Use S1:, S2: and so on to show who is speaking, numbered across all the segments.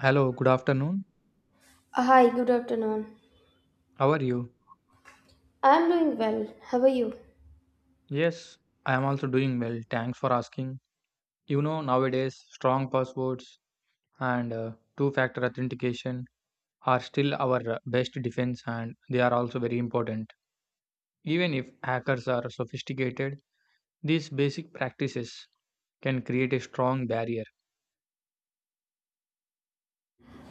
S1: Hello, good afternoon.
S2: Hi, good afternoon.
S1: How are you?
S2: I'm doing well. How are you?
S1: Yes, I am also doing well. Thanks for asking. You know, nowadays, strong passwords and two factor authentication are still our best defense, and they are also very important. Even if hackers are sophisticated, these basic practices can create a strong barrier.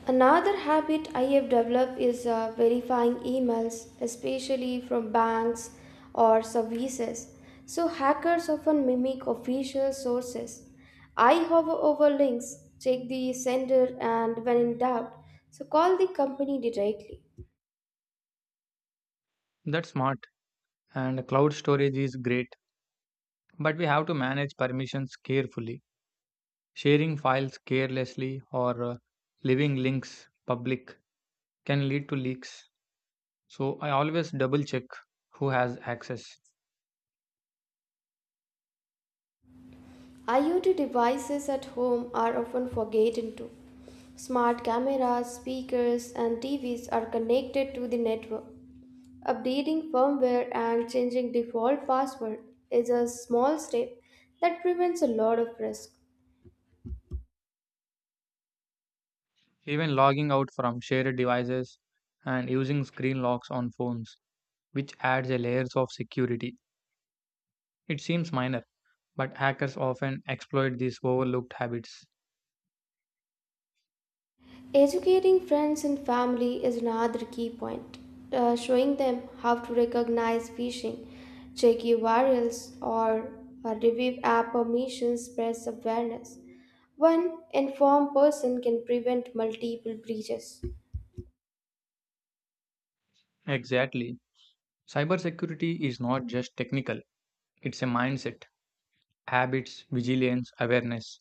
S2: Another habit I have developed is verifying emails, especially from banks or services. So, hackers often mimic official sources. I hover over links, check the sender, and when in doubt, so call the company directly.
S1: That's smart, and cloud storage is great, but we have to manage permissions carefully. Sharing files carelessly or leaving links public can lead to leaks. So I always double check who has access.
S2: IoT devices at home are often forgotten too. Smart cameras, speakers, and TVs are connected to the network. Updating firmware and changing default password is a small step that prevents a lot of risk.
S1: Even logging out from shared devices and using screen locks on phones, which adds a layers of security. It seems minor, but hackers often exploit these overlooked habits.
S2: Educating friends and family is another key point. Showing them how to recognize phishing, check URLs, or review app permissions spreads awareness. One informed person can prevent multiple breaches.
S1: Exactly. Cybersecurity is not just technical, it's a mindset, habits, vigilance, awareness,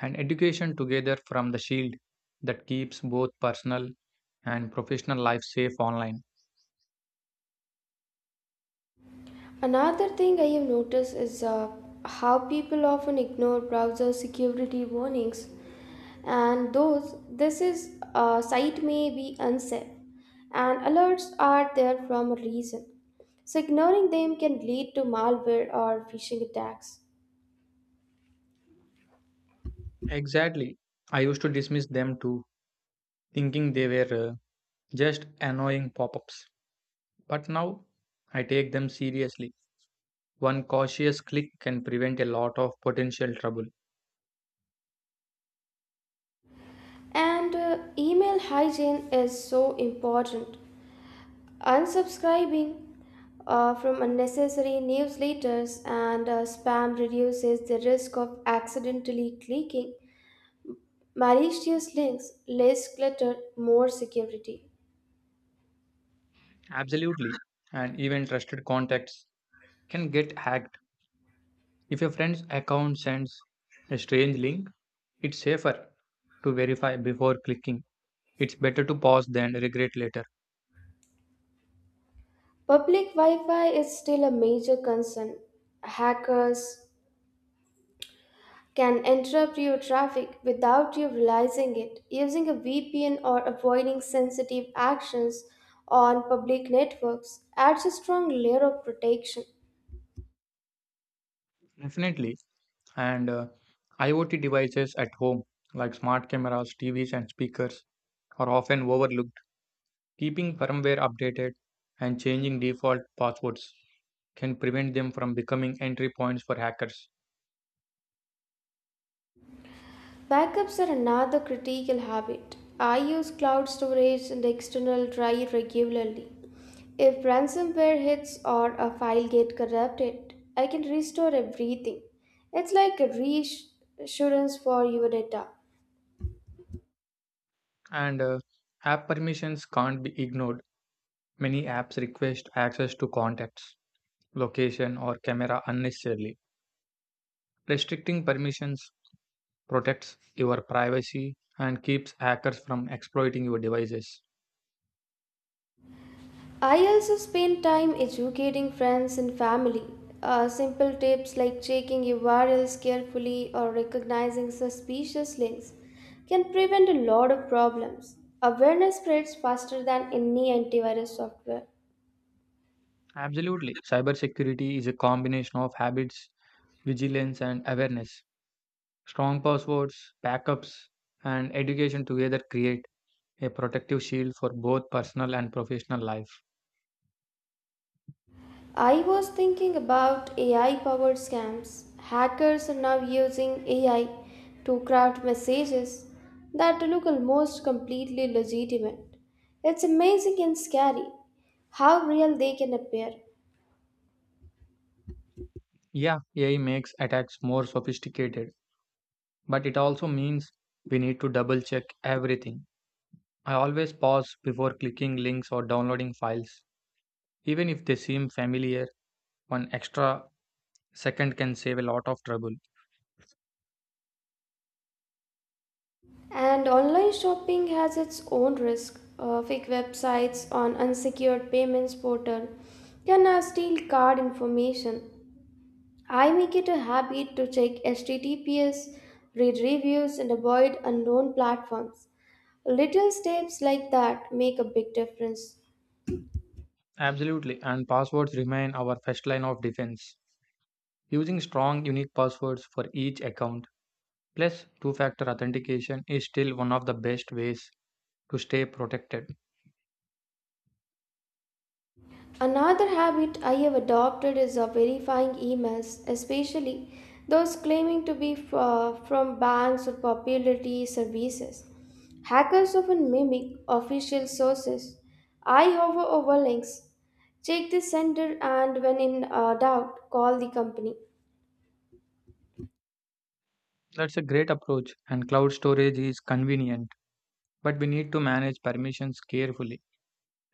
S1: and education together from the shield that keeps both personal and professional life safe online.
S2: Another thing I have noticed is how people often ignore browser security warnings, and those, this is site may be unsafe, and alerts are there from a reason, so ignoring them can lead to malware or phishing attacks.
S1: Exactly. I used to dismiss them too, thinking they were just annoying pop ups. But now I take them seriously. One cautious click can prevent a lot of potential trouble.
S2: And email hygiene is so important. Unsubscribing from unnecessary newsletters and spam reduces the risk of accidentally clicking malicious links. Less clutter, more security.
S1: Absolutely. And even trusted contacts can get hacked. If a friend's account sends a strange link, it's safer to verify before clicking. It's better to pause than regret later.
S2: Public Wi Fi is still a major concern. Hackers can interrupt your traffic without you realizing it. Using a VPN or avoiding sensitive actions on public networks adds a strong layer of protection.
S1: Definitely. And IoT devices at home, like smart cameras, TVs, and speakers, are often overlooked. Keeping firmware updated and changing default passwords can prevent them from becoming entry points for hackers.
S2: Backups are another critical habit. I use cloud storage and external drive regularly. If ransomware hits or a file get corrupted, I can restore everything. It's like a reassurance for your data.
S1: And App permissions can't be ignored. Many apps request access to contacts, location, or camera unnecessarily. Restricting permissions protects your privacy and keeps hackers from exploiting your devices.
S2: I also spend time educating friends and family. Simple tips like checking URLs carefully or recognizing suspicious links can prevent a lot of problems. Awareness spreads faster than any antivirus software.
S1: Absolutely. Cybersecurity is a combination of habits, vigilance, and awareness. Strong passwords, backups, and education together create a protective shield for both personal and professional life.
S2: I was thinking about AI powered scams. Hackers are now using AI to craft messages that look almost completely legitimate. It's amazing and scary how real they can appear.
S1: Yeah, AI makes attacks more sophisticated, but it also means we need to double check everything. I always pause before clicking links or downloading files. Even if they seem familiar, one extra second can save a lot of trouble.
S2: And online shopping has its own risk. Fake websites on unsecured payments portal can now steal card information. I make it a habit to check HTTPS, read reviews, and avoid unknown platforms. Little steps like that make a big difference.
S1: Absolutely, and passwords remain our first line of defense. Using strong, unique passwords for each account, plus two factor authentication, is still one of the best ways to stay protected.
S2: Another habit I have adopted is of verifying emails, especially those claiming to be from banks or popularity services. Hackers often mimic official sources. I hover over links, check the sender, and when in doubt, call the company.
S1: That's a great approach, and cloud storage is convenient, but we need to manage permissions carefully.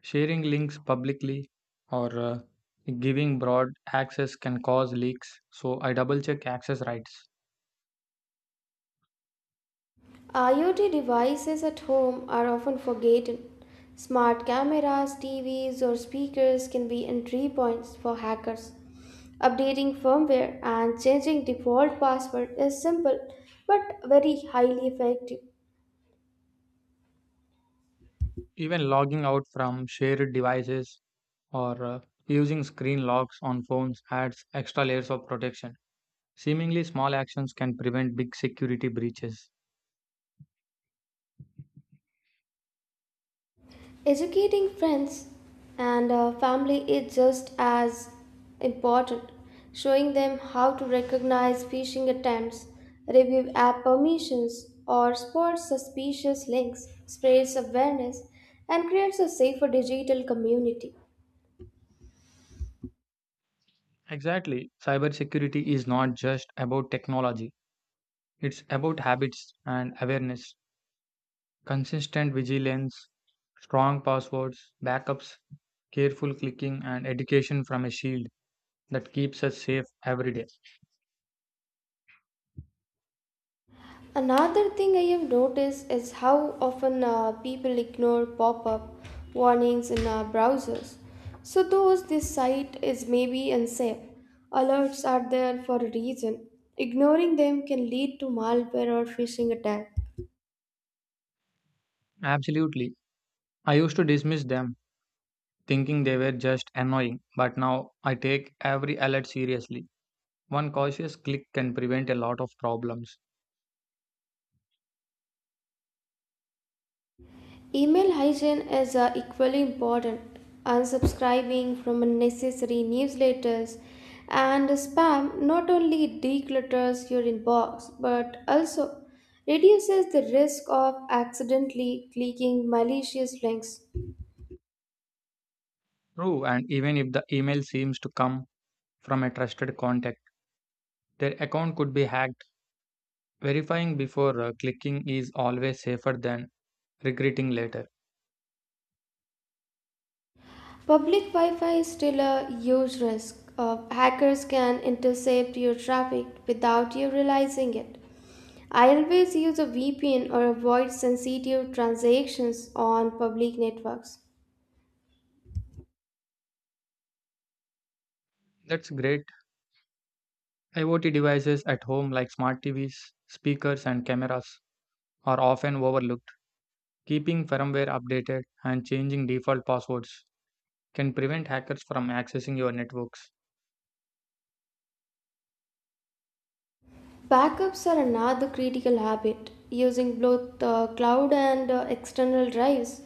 S1: Sharing links publicly or giving broad access can cause leaks, so I double check access rights.
S2: IoT devices at home are often forgotten. Smart cameras, TVs, or speakers can be entry points for hackers. Updating firmware and changing default password is simple but very highly effective.
S1: Even logging out from shared devices or using screen locks on phones adds extra layers of protection. Seemingly small actions can prevent big security breaches.
S2: Educating friends and family is just as important. Showing them how to recognize phishing attempts, review app permissions, or spot suspicious links spreads awareness and creates a safer digital community.
S1: Exactly. Cybersecurity is not just about technology, it's about habits and awareness, consistent vigilance, strong passwords, backups, careful clicking, and education from a shield that keeps us safe every day.
S2: Another thing I have noticed is how often people ignore pop up warnings in browsers. So, though this site is maybe unsafe, alerts are there for a reason. Ignoring them can lead to malware or phishing attack.
S1: Absolutely. I used to dismiss them thinking they were just annoying, but now I take every alert seriously. One cautious click can prevent a lot of problems.
S2: Email hygiene is equally important. Unsubscribing from unnecessary newsletters and spam not only declutters your inbox but also reduces the risk of accidentally clicking malicious links.
S1: True, and even if the email seems to come from a trusted contact, their account could be hacked. Verifying before clicking is always safer than regretting later.
S2: Public Wi Fi is still a huge risk. Of hackers can intercept your traffic without you realizing it. I always use a VPN or avoid sensitive transactions on public networks.
S1: That's great. IoT devices at home, like smart TVs, speakers, and cameras, are often overlooked. Keeping firmware updated and changing default passwords can prevent hackers from accessing your networks.
S2: Backups are another critical habit. Using both cloud and external drives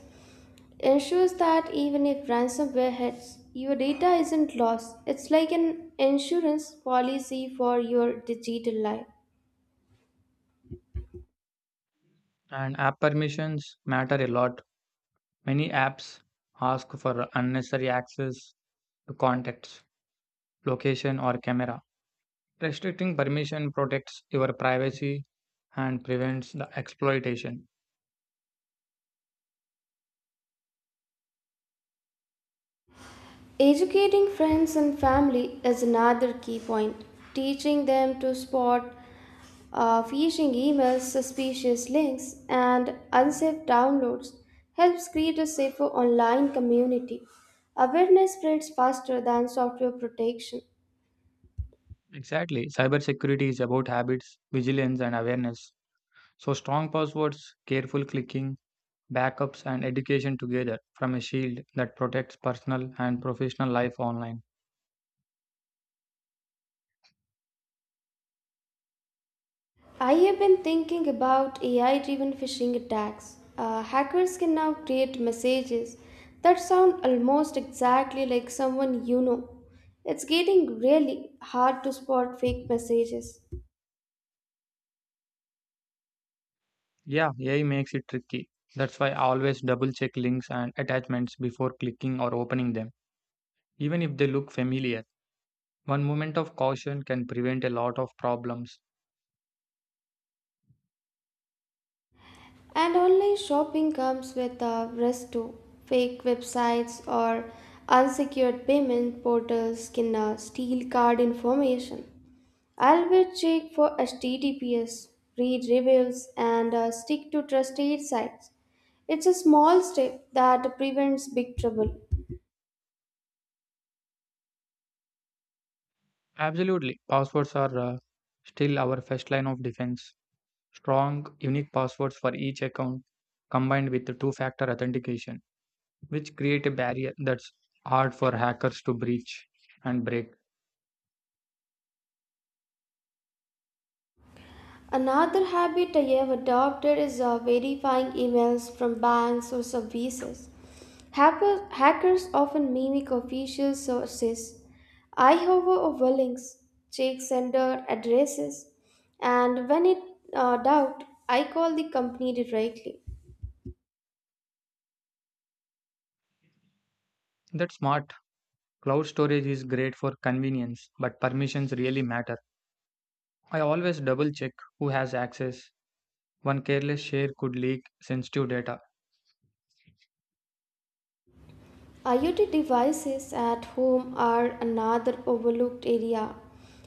S2: ensures that even if ransomware hits, your data isn't lost. It's like an insurance policy for your digital life.
S1: And app permissions matter a lot. Many apps ask for unnecessary access to contacts, location, or camera. Restricting permission protects your privacy and prevents the exploitation.
S2: Educating friends and family is another key point. Teaching them to spot phishing emails, suspicious links, and unsafe downloads helps create a safer online community. Awareness spreads faster than software protection.
S1: Exactly. Cybersecurity is about habits, vigilance, and awareness. So, strong passwords, careful clicking, backups, and education together from a shield that protects personal and professional life online.
S2: I have been thinking about AI driven phishing attacks. Hackers can now create messages that sound almost exactly like someone you know. It's getting really hard to spot fake messages.
S1: Yeah, AI makes it tricky. That's why I always double check links and attachments before clicking or opening them, even if they look familiar. One moment of caution can prevent a lot of problems.
S2: And online shopping comes with a risk too. Fake websites or unsecured payment portals can steal card information. Always check for HTTPS, read reviews, and stick to trusted sites. It's a small step that prevents big trouble.
S1: Absolutely, passwords are still our first line of defense. Strong, unique passwords for each account combined with the two factor authentication, which create a barrier that's hard for hackers to breach and break.
S2: Another habit I have adopted is verifying emails from banks or services. Hackers often mimic official sources. I, hover over links, check sender addresses, and when in doubt, I call the company directly.
S1: That's smart. Cloud storage is great for convenience, but permissions really matter. I always double check who has access. One careless share could leak sensitive data.
S2: IoT devices at home are another overlooked area.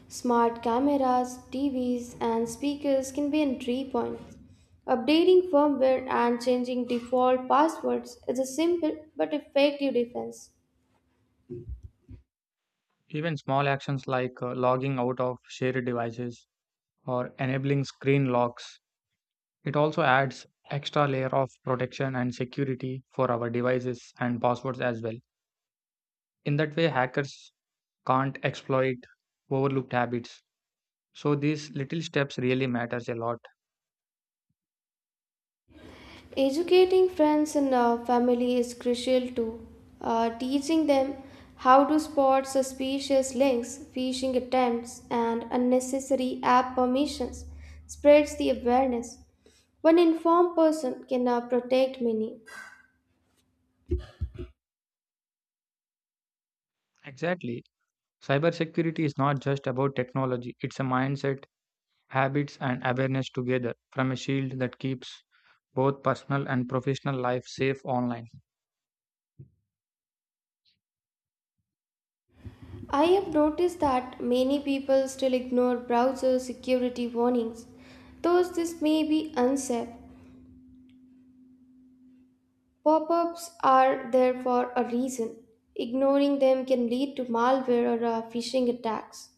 S2: Smart cameras, TVs, and speakers can be entry points. Updating firmware and changing default passwords is a simple but effective defense.
S1: Even small actions like logging out of shared devices or enabling screen locks, it also adds extra layer of protection and security for our devices and passwords as well. In that way, hackers can't exploit overlooked habits. So these little steps really matters a lot.
S2: Educating friends and family is crucial too. Teaching them how to spot suspicious links, phishing attempts, and unnecessary app permissions spreads the awareness. One informed person can protect many.
S1: Exactly. Cybersecurity is not just about technology, it's a mindset, habits and awareness together from a shield that keeps both personal and professional life safe online.
S2: I have noticed that many people still ignore browser security warnings, though this may be unsafe. Pop ups are there for a reason. Ignoring them can lead to malware or phishing attacks.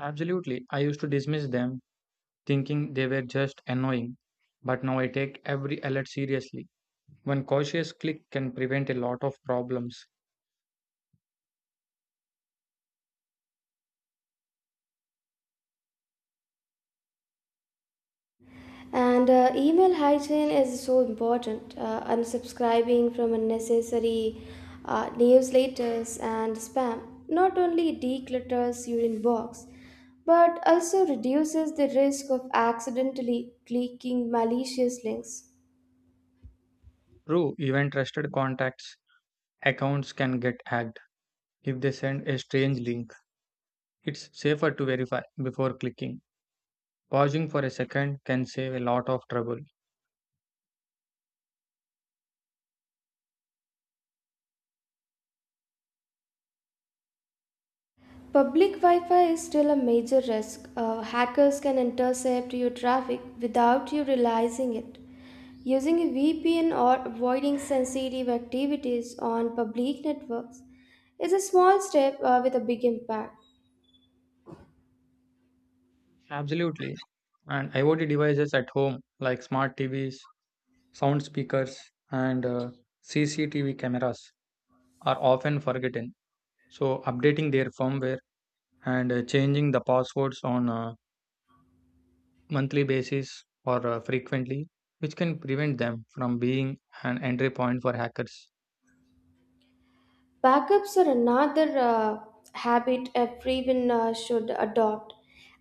S1: Absolutely. I used to dismiss them, thinking they were just annoying. But now I take every alert seriously. One cautious click can prevent a lot of problems.
S2: And email hygiene is so important. Unsubscribing from unnecessary newsletters and spam not only declutters your inbox but also reduces the risk of accidentally clicking malicious links.
S1: True, even trusted contacts' accounts can get hacked if they send a strange link. It's safer to verify before clicking. Pausing for a second can save a lot of trouble.
S2: Public Wi Fi is still a major risk. Hackers can intercept your traffic without you realizing it. Using a VPN or avoiding sensitive activities on public networks is a small step with a big impact.
S1: Absolutely. And IoT devices at home, like smart TVs, sound speakers, and CCTV cameras, are often forgotten, so updating their firmware and changing the passwords on a monthly basis or frequently, which can prevent them from being an entry point for hackers.
S2: Backups are another habit everyone should adopt.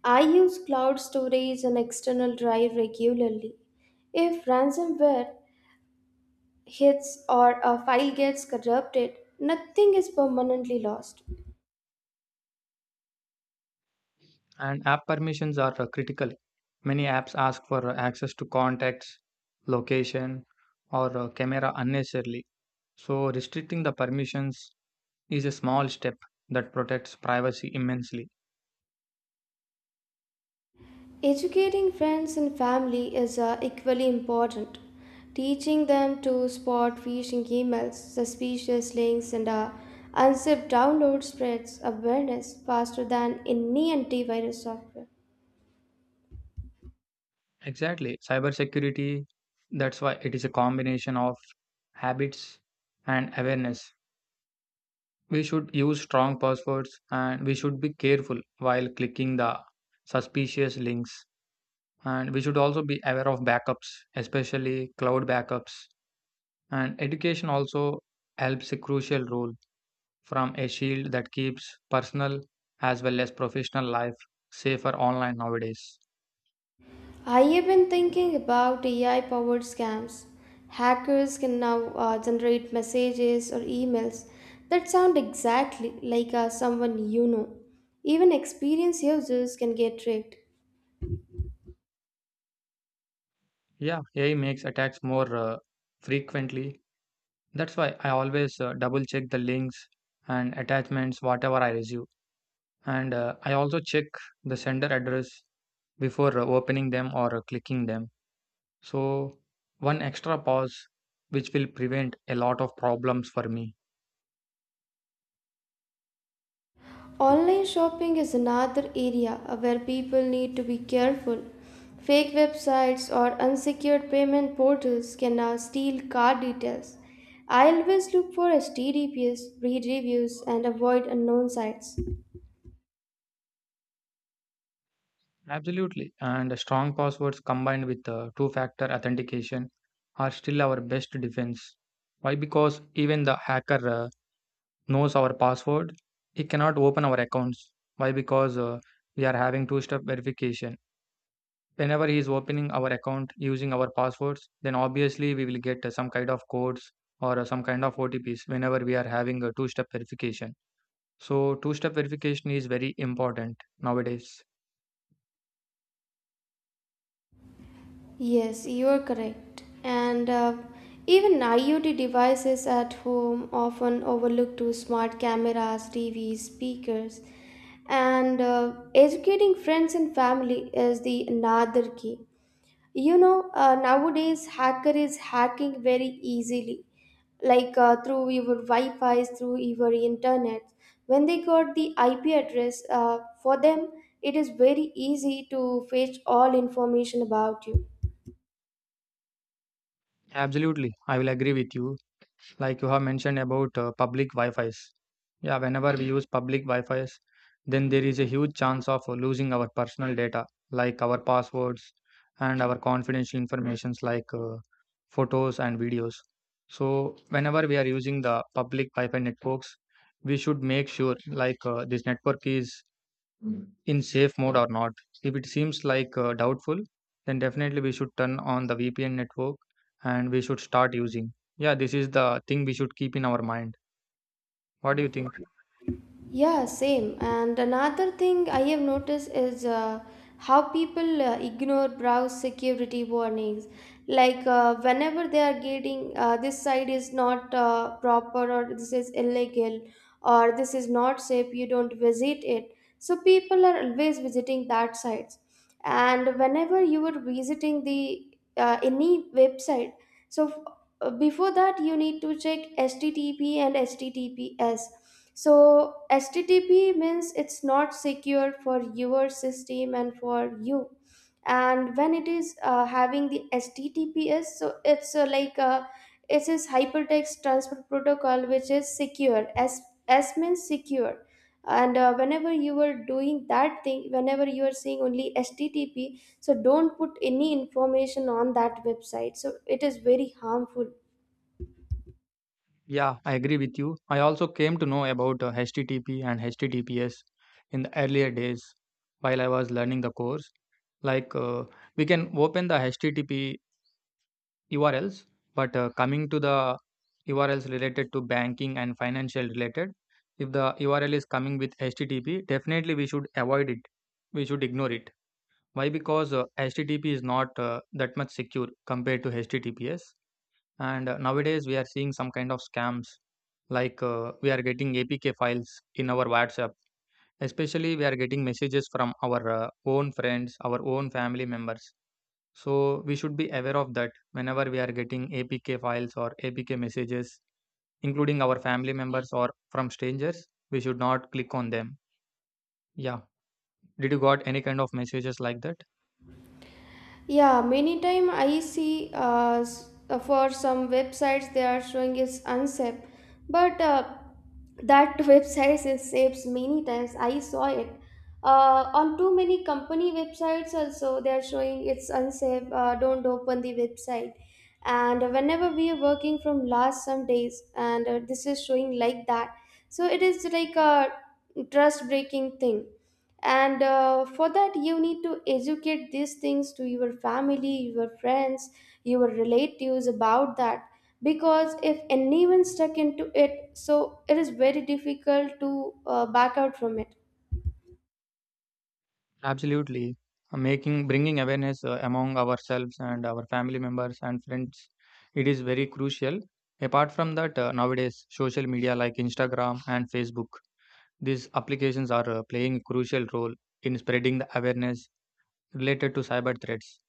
S2: I use cloud storage and external drive regularly. If ransomware hits or a file gets corrupted, nothing is permanently lost.
S1: And app permissions are critical. Many apps ask for access to contacts, location, or camera unnecessarily, so restricting the permissions is a small step that protects privacy immensely.
S2: Educating friends and family is equally important. Teaching them to spot phishing emails, suspicious links, and unzipped download spreads awareness faster than any antivirus software.
S1: Exactly. Cybersecurity, that's why it is a combination of habits and awareness. We should use strong passwords and we should be careful while clicking the suspicious links. And we should also be aware of backups, especially cloud backups. And education also helps a crucial role from a shield that keeps personal as well as professional life safer online nowadays.
S2: I have been thinking about AI powered scams. Hackers can now generate messages or emails that sound exactly like someone you know. Even experienced users can get tricked.
S1: Yeah, AI makes attacks more frequently. That's why I always double check the links and attachments whatever I receive. And I also check the sender address before opening them or clicking them. So, one extra pause which will prevent a lot of problems for me.
S2: Online shopping is another area where people need to be careful. Fake websites or unsecured payment portals can now steal card details. I always look for HTTPS, read reviews, and avoid unknown sites.
S1: Absolutely. And strong passwords combined with two factor authentication are still our best defense. Why? Because even the hacker knows our password, he cannot open our accounts. Why? Because we are having two step verification. Whenever he is opening our account using our passwords, then obviously we will get some kind of codes or some kind of OTPs whenever we are having a two step verification. So, two step verification is very important nowadays.
S2: Yes, you are correct. And even IoT devices at home often overlook to smart cameras, TVs, speakers, and educating friends and family is the another key. You know, nowadays hacker is hacking very easily, like through your Wi-Fi's, through your internet. When they got the IP address, for them it is very easy to fetch all information about you.
S1: Absolutely, I will agree with you, like you have mentioned about public Wi-Fi's. Yeah, whenever we use public Wi-Fi's, then there is a huge chance of losing our personal data, like our passwords and our confidential informations, like photos and videos. So whenever we are using the public Wi-Fi networks, we should make sure like this network is in safe mode or not. If it seems like doubtful, then definitely we should turn on the VPN network and we should start using. Yeah, this is the thing we should keep in our mind. What do you think?
S2: Yeah, same. And another thing I have noticed is how people ignore browse security warnings. Like whenever they are getting this site is not proper, or this is illegal or this is not safe, you don't visit it. So people are always visiting that sites. And whenever you are visiting the any website, so before that you need to check http and https. So http means it's not secure for your system and for you, and when it is having the https, so it's it is hypertext transfer protocol which is secure. S, s means secure. And whenever you are doing that thing, whenever you are seeing only http, so don't put any information on that website, so it is very harmful.
S1: Yeah, I agree with you. I also came to know about HTTP and HTTPS in the earlier days while I was learning the course. Like we can open the HTTP URLs, but coming to the URLs related to banking and financial related, if the URL is coming with HTTP, definitely we should avoid it. We should ignore it. Why? Because HTTP is not that much secure compared to HTTPS. And nowadays we are seeing some kind of scams like we are getting APK files in our WhatsApp. Especially we are getting messages from our own friends, our own family members. So we should be aware of that whenever we are getting APK files or APK messages, including our family members or from strangers, we should not click on them. Yeah. Did you got any kind of messages like that?
S2: Yeah, many time I see for some websites they are showing is unsafe, but that website is safe many times. I saw it on too many company websites also. They are showing it's unsafe. Don't open the website. And whenever we are working from last some days, and this is showing like that, so it is like a trust breaking thing. And for that you need to educate these things to your family, your friends, your relatives about that, because if anyone stuck into it, so it is very difficult to back out from it.
S1: Absolutely. Making bringing awareness among ourselves and our family members and friends, it is very crucial. Apart from that, nowadays social media like Instagram and Facebook, these applications are playing a crucial role in spreading the awareness related to cyber threats.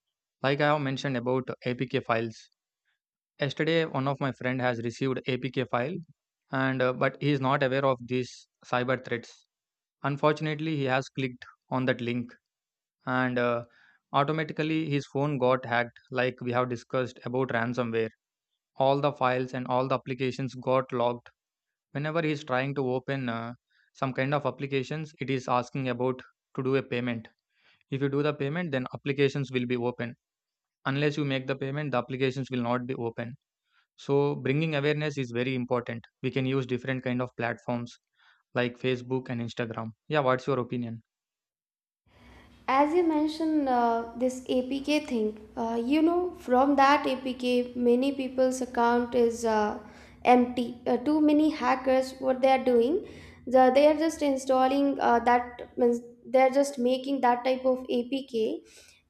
S1: Like I have mentioned about APK files. Yesterday, one of my friend has received APK file, and but he is not aware of these cyber threats. Unfortunately, he has clicked on that link, and automatically his phone got hacked. Like we have discussed about ransomware, all the files and all the applications got logged. Whenever he is trying to open some kind of applications, it is asking about to do a payment. If you do the payment, then applications will be open. Unless you make the payment, the applications will not be open. So bringing awareness is very important. We can use different kind of platforms like Facebook and Instagram. Yeah, what's your opinion?
S2: As you mentioned, this APK thing, you know, from that APK, many people's account is empty. Too many hackers, what they are doing, they are just installing that, means they are just making that type of APK.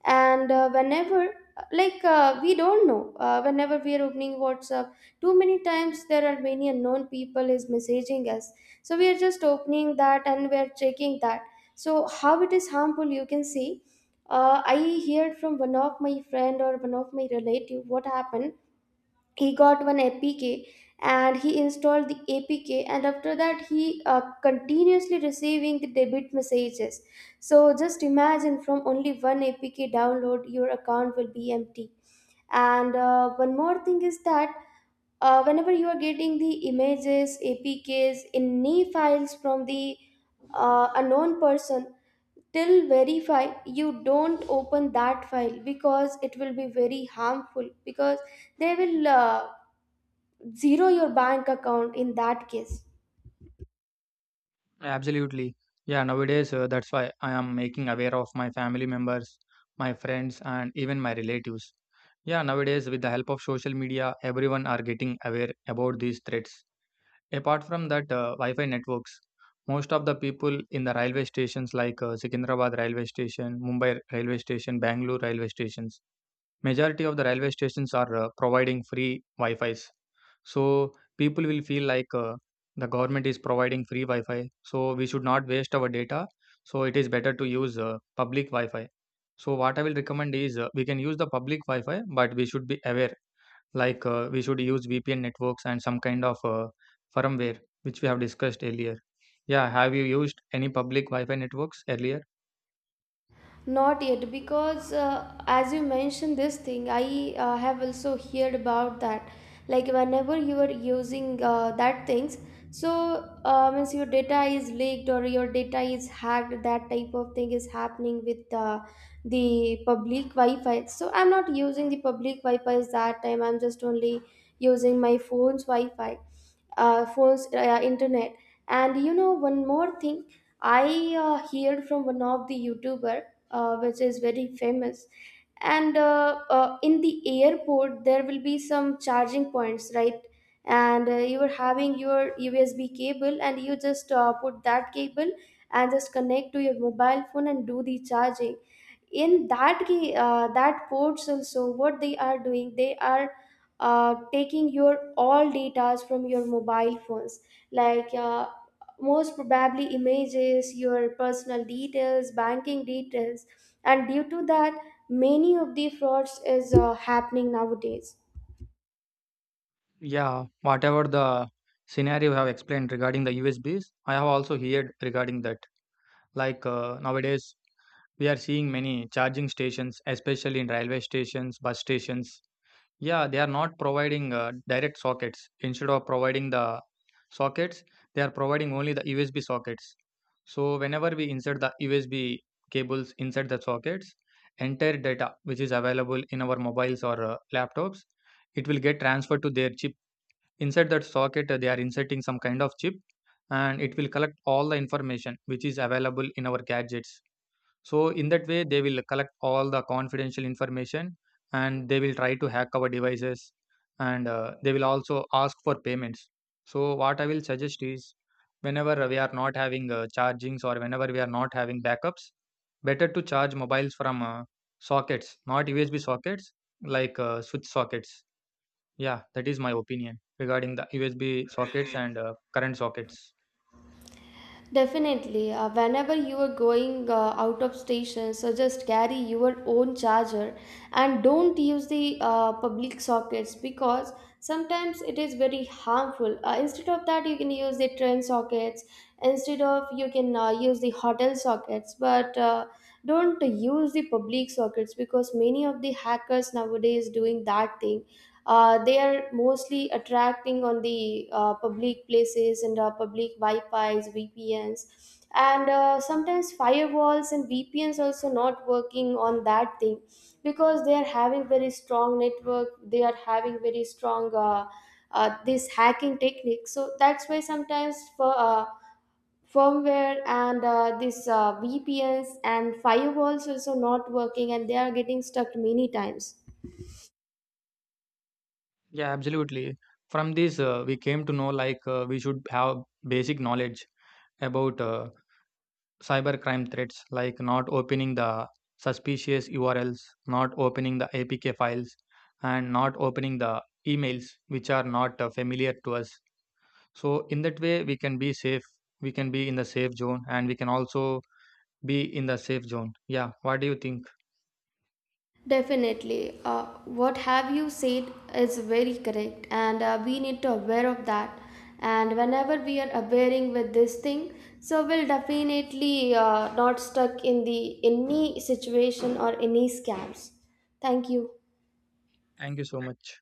S2: And we don't know, whenever we are opening WhatsApp, too many times there are many unknown people is messaging us. So we are just opening that and we are checking that. So how it is harmful you can see. I heard from one of my friend or one of my relative what happened. He got one APK, and he installed the APK, and after that he continuously receiving the debit messages. So just imagine, from only one APK download your account will be empty. And one more thing is that, whenever you are getting the images, apks, in any files from the unknown person, till verify you don't open that file, because it will be very harmful, because they will zero your bank account in that case.
S1: Absolutely. Yeah, nowadays that's why I am making aware of my family members, my friends, and even my relatives. Yeah, nowadays with the help of social media, everyone are getting aware about these threats. Apart from that, Wi-Fi networks. Most of the people in the railway stations like Secunderabad railway station, Mumbai railway station, Bangalore railway stations, majority of the railway stations are providing free Wi-Fi's. So people will feel like the government is providing free Wi-Fi. So we should not waste our data. So it is better to use public Wi-Fi. So what I will recommend is we can use the public Wi-Fi, but we should be aware like we should use vpn networks and some kind of firmware which we have discussed earlier. Yeah, have you used any public wi-fi networks earlier?
S2: Not yet, because as you mentioned this thing, I have also heard about that. Like whenever you are using that things, so means your data is leaked or your data is hacked. That type of thing is happening with the public Wi-Fi. So I'm not using the public Wi-Fi that time. I'm just only using my phone's Wi-Fi, phones, internet. And you know, one more thing, I heard from one of the YouTuber, which is very famous. And in the airport, there will be some charging points, right? And you are having your USB cable, and you just put that cable and just connect to your mobile phone and do the charging. In that that ports also, what they are doing, they are taking your all data from your mobile phones, like most probably images, your personal details, banking details. And due to that, many of the frauds is happening nowadays.
S1: Yeah, whatever the scenario you have explained regarding the usbs, I have also heard regarding that. Like nowadays we are seeing many charging stations, especially in railway stations, bus stations. Yeah, they are not providing direct sockets. Instead of providing the sockets, they are providing only the USB sockets. So whenever we insert the USB cables inside the sockets, entire data which is available in our mobiles or laptops, it will get transferred to their chip. Inside that socket, they are inserting some kind of chip, and it will collect all the information which is available in our gadgets. So in that way, they will collect all the confidential information and they will try to hack our devices and they will also ask for payments. So what I will suggest is, whenever we are not having chargings or whenever we are not having backups, better to charge mobiles from sockets, not USB sockets, like switch sockets. Yeah, that is my opinion regarding the USB sockets and current sockets.
S2: Definitely, whenever you are going out of station, so just carry your own charger and don't use the public sockets, because sometimes it is very harmful. Instead of that, you can use the train sockets, instead of you can use the hotel sockets, but don't use the public sockets, because many of the hackers nowadays doing that thing. They are mostly attracting on the public places and public Wi-Fi's, VPNs, and sometimes firewalls and VPNs also not working on that thing, because they are having very strong network. They are having very strong this hacking technique. So that's why sometimes for firmware and this VPNs and firewalls also not working, and they are getting stuck many times.
S1: Yeah, absolutely. From this, we came to know like we should have basic knowledge about cyber crime threats, like not opening the suspicious URLs, not opening the APK files, and not opening the emails which are not familiar to us. So, in that way, we can be safe. We can be in the safe zone, and we can also be in the safe zone. Yeah, what do you think?
S2: Definitely. What have you said is very correct, and we need to aware of that. And whenever we are awareing with this thing, so we'll definitely not stuck in the any situation or any scams. Thank you.
S1: Thank you so much.